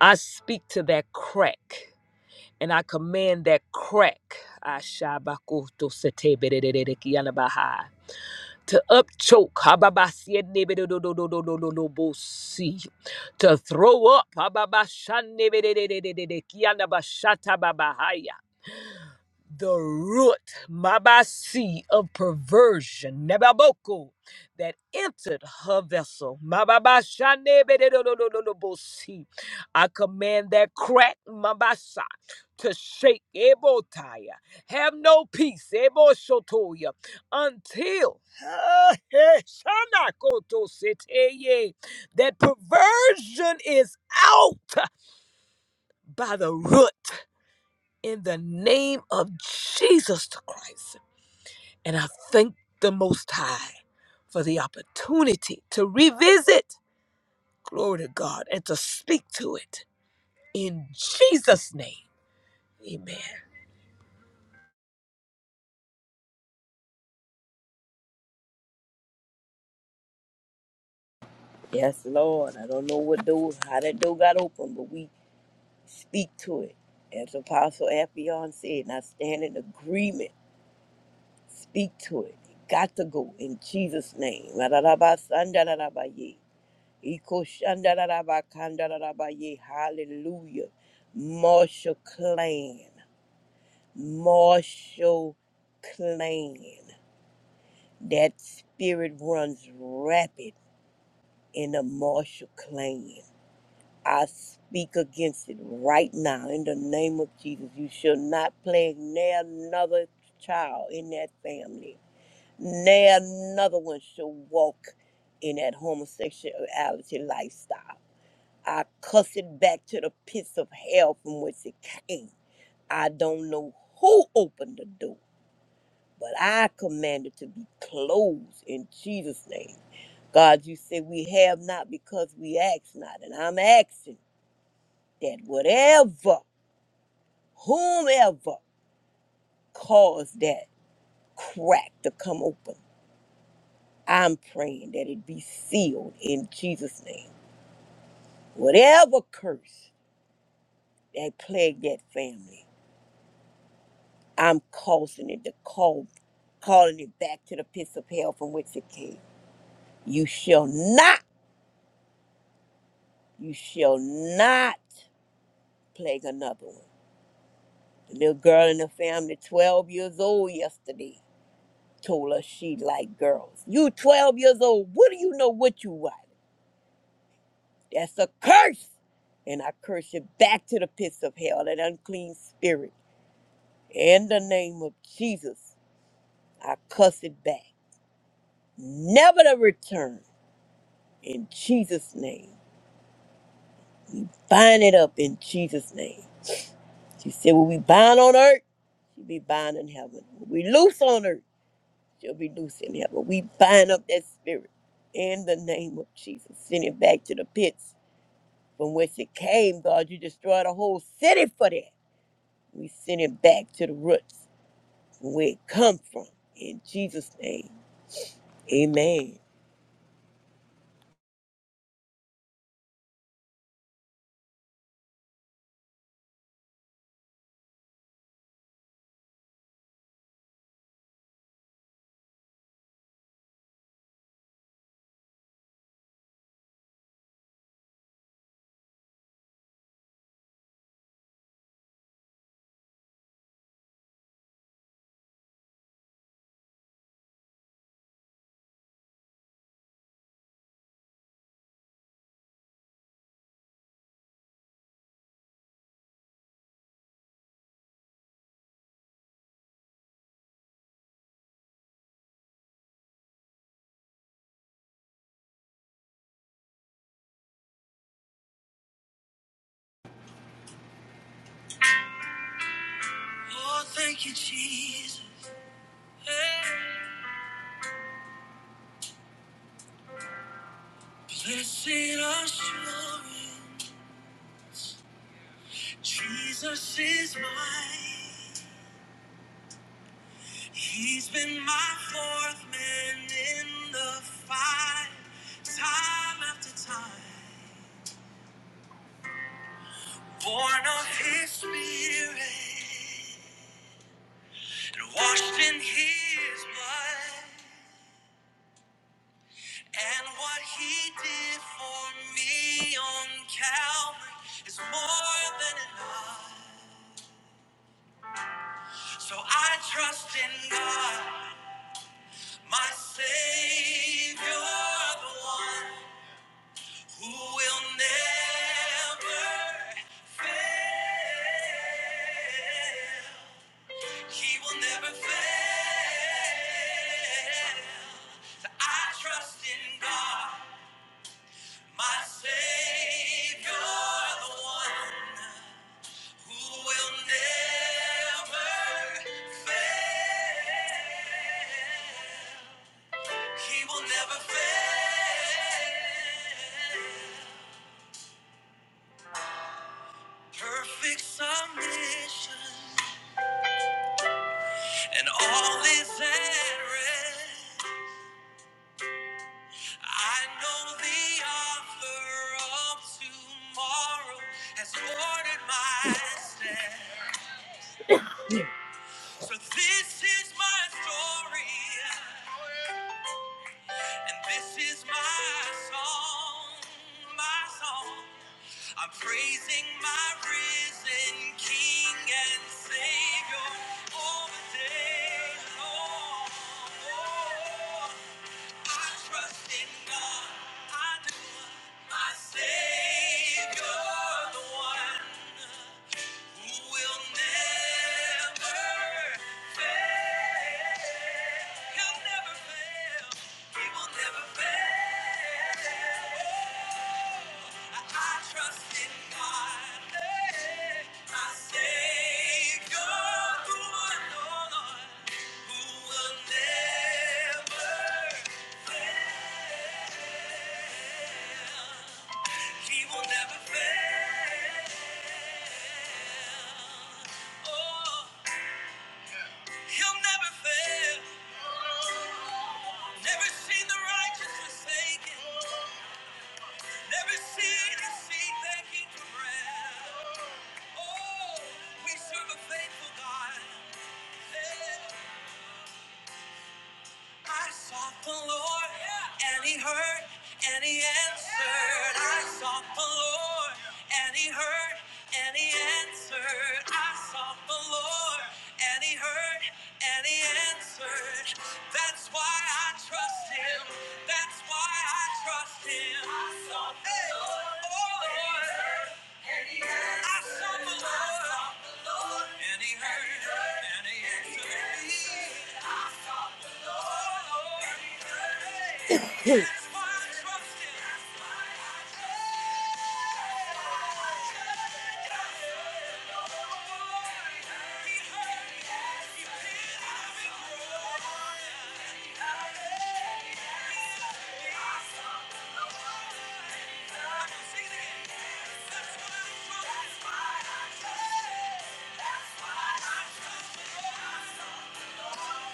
Speaker 1: I speak to that crack. And I command that crack Ashabakoto setebedededekiyanabaha, to upchoke hababasiedebedododododododolobosi, to throw up hababashanebedededekiyanabashatababahaya the root mabasi of perversion nebaboko that entered her vessel Mababashanebededodododobosi. i command that crack mabasa to shake ebotaya have no peace eboshotoya until ah eh, Shanakotoseteye. that perversion is out by the root in the name of Jesus the Christ. And I thank the Most High for the opportunity to revisit, glory to God, and to speak to it in Jesus' name. Amen.
Speaker 3: Yes, Lord. I don't know what door, how that door got open, but we Speak to it. As Apostle Affion said, and I stand in agreement. Speak to it. It Got to go in Jesus' name. Ra-ra-ra-ba-san-da-ra-ra-ba-ye. Iko-shan-da-ra-ra-ba-kan-da-ra-ra-ba-ye. Hallelujah. Marshall Clan. Marshall Clan. That spirit runs rapid in the Marshall Clan. I speak against it right now in the name of Jesus. You shall not plague near another child in that family. Near another one shall walk in that homosexuality lifestyle. I cuss it back to the pits of hell from which it came. I don't know who opened the door, but I command it to be closed in Jesus' name. God, you say we have not because we ask not, and I'm asking that whatever whomever caused that crack to come open, I'm praying that it be sealed in Jesus' name. Whatever curse that plagued that family, I'm causing it to call, calling it back to the pits of hell from which it came. You shall not, you shall not plague another one. The little girl in the family, 12 years old yesterday, told us she liked girls. You 12 years old, what do you know what you like? That's a curse. And I curse it back to the pits of hell, that unclean spirit. In the name of Jesus, I cuss it back. Never to return. In Jesus' name. Bind it up in Jesus' name. She said, "When we bind on earth, she will be bound in heaven. When we loose on earth, she'll be loose in heaven. We bind up that spirit in the name of Jesus. Send it back to the pits from whence it came, God. You destroyed a whole city for that. We send it back to the roots where it come from. In Jesus' name, amen. Oh, thank you, Jesus. Hey. Blessed assurance, Jesus is mine. He's been my fourth man in the fight, time after time. Born of his spirit and washed in his blood. And what he did for me on Calvary is more than enough. So I trust in God, my Savior, the one who will never fail. He will never fail. So I trust in God, my Savior, the one. Who will never fail? He will never fail. Perfect submission, and all is at rest. I know the author of tomorrow has ordered my steps. So this is my story. And this is my song, my song. I'm praising my risen King and Savior all the day long. Oh, I trust in God, I do. My Savior, the one who will never fail. He'll never fail. I trust in God, eh, my Savior, who will never fail. He will never fail. Oh, he'll never fail. Never seen the righteous forsaken. Every sin is seen making prayer. Oh, we serve a faithful God. Yeah. I sought the Lord, yeah, and He heard, and He answered. I sought the Lord, and He heard, and He answered. I sought the Lord, and He heard, and He answered. That's why I trust Him. That's why I trust Him. I sought the Hey. Lord, Oh, Lord. I sought the Lord, and He heard, and He answered me. Oh, Lord, that's why I trust Him. That's why I say, why I say, Never, never,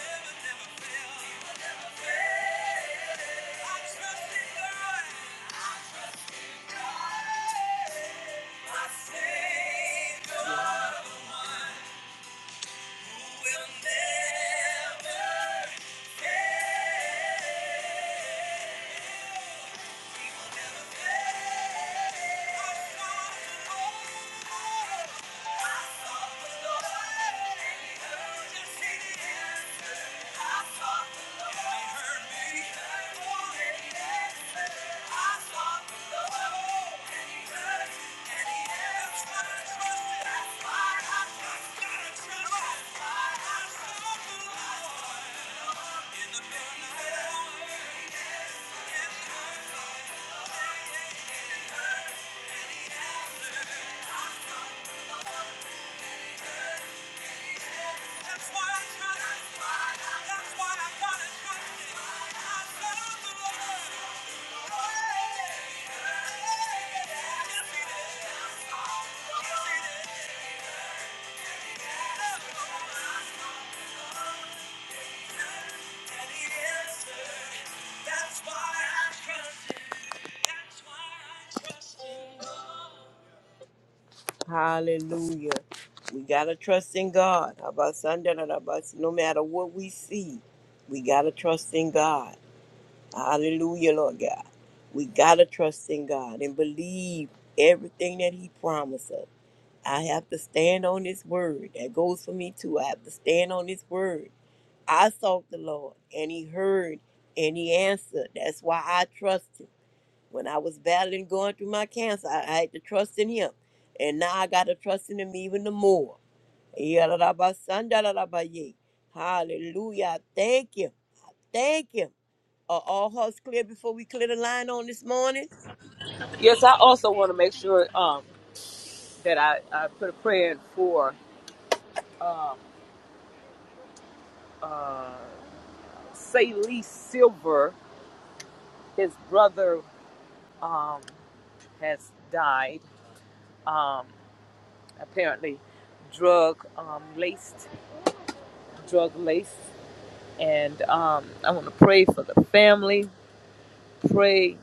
Speaker 3: never, never fail. Will never fail. Trust. In the middle of the night. That's why I got it. That's why I got it. I love the That's why I trust him. That's why I trust him. Hallelujah. We got to trust in God. About Sunday, no matter what we see, we got to trust in God. Hallelujah, Lord God. We got to trust in God and believe everything that He promised us. I have to stand on His word. That goes for me too. I have to stand on His word. I sought the Lord and He heard and He answered. That's why I trust Him when I was battling going through my cancer, I, I had to trust in him. And now I gotta trust in him even the more. Yadadabasandaradaba-ye. Hallelujah. Thank you. Thank you. Are all hearts clear before we clear the line on this morning?
Speaker 1: Yes, I also want to make sure um, that I, I put a prayer in for Salee Silver. His brother um, has died, um, apparently drug um, laced, drug laced. and um, I want to pray for the family. Pray,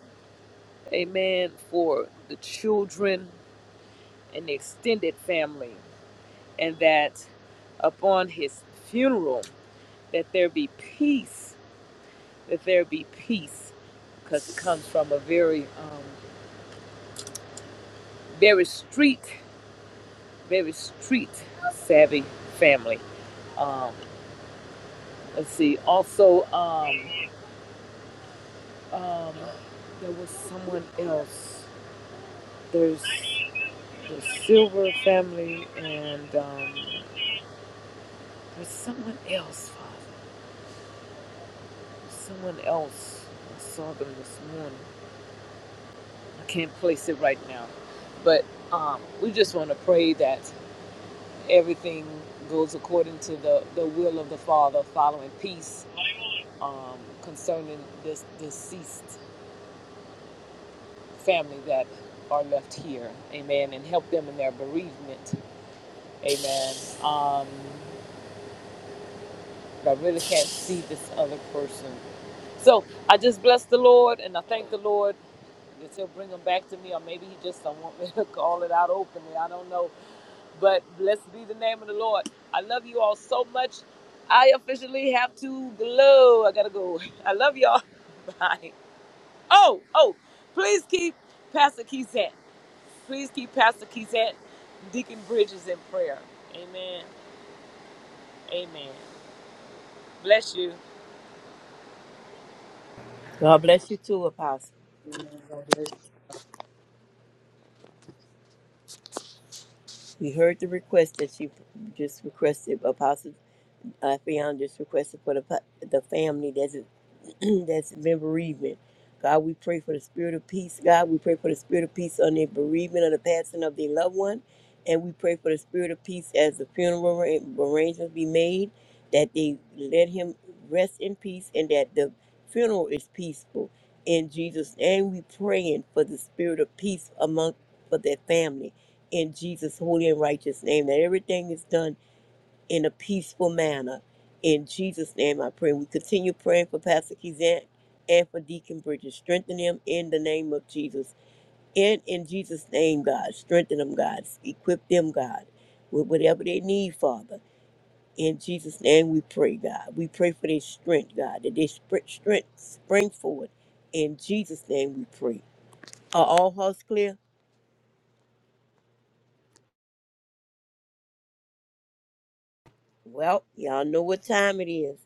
Speaker 1: amen, for the children and the extended family, and that upon his funeral, that there be peace, that there be peace, because it comes from a very, um, very street, very street savvy family. Um, let's see. Also, um, um, there was someone else. There's the Silver family, and um, there's someone else, Father. Someone else. I saw them this morning. I can't place it right now. But um, we just want to pray that everything goes according to the, the will of the Father, following peace um, concerning this deceased family that are left here. Amen. And help them in their bereavement. Amen. Um, I really can't see this other person So I just bless the Lord and I thank the Lord that He'll bring them back to me, or maybe He just don't want me to call it out openly. I don't know. But blessed be the name of the Lord. I love you all so much. I officially have to glow. I gotta go. I love y'all. Bye. Oh, oh, please keep Pastor Keysette. Please keep Pastor Keysette, Deacon Bridges in prayer. Amen. Amen. Bless you.
Speaker 3: God bless you too, Apostle. We heard the request that she just requested, Apostle uh, Fionn just requested for the, pa- the family. that's been bereavement. God, we pray for the spirit of peace. God, we pray for the spirit of peace on the bereavement of the passing of their loved one. And we pray for the spirit of peace as the funeral arra- arrangements be made, that they let him rest in peace and that the funeral is peaceful. In Jesus' name, we praying for the spirit of peace among for their family. In Jesus' holy and righteous name, that everything is done in a peaceful manner. In Jesus' name I pray. We continue praying for Pastor Kizant and for Deacon Bridges. Strengthen them in the name of Jesus. And in Jesus' name, God, strengthen them, God. Equip them, God, with whatever they need, Father. In Jesus' name we pray, God. We pray for their strength, God, that their spr- strength spring forward. In Jesus' name we pray. Are all hearts clear? Well, y'all know what time it is.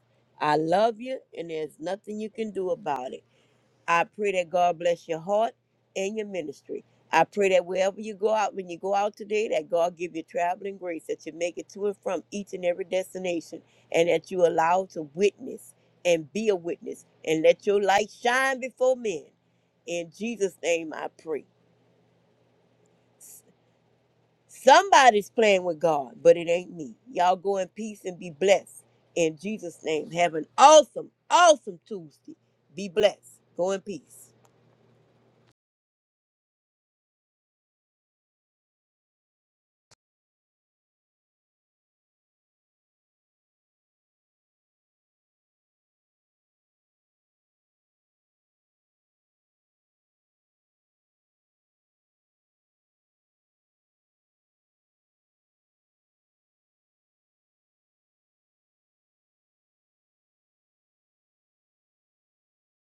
Speaker 3: I love you, and there's nothing you can do about it. I pray that God bless your heart and your ministry. I pray that wherever you go out, when you go out today, that God give you traveling grace, that you make it to and from each and every destination, and that you allow to witness and be a witness, and let your light shine before men. In Jesus' name, I pray. S- Somebody's playing with God, but it ain't me. Y'all go in peace and be blessed. In Jesus' name, have an awesome, awesome Tuesday. Be blessed. Go in peace.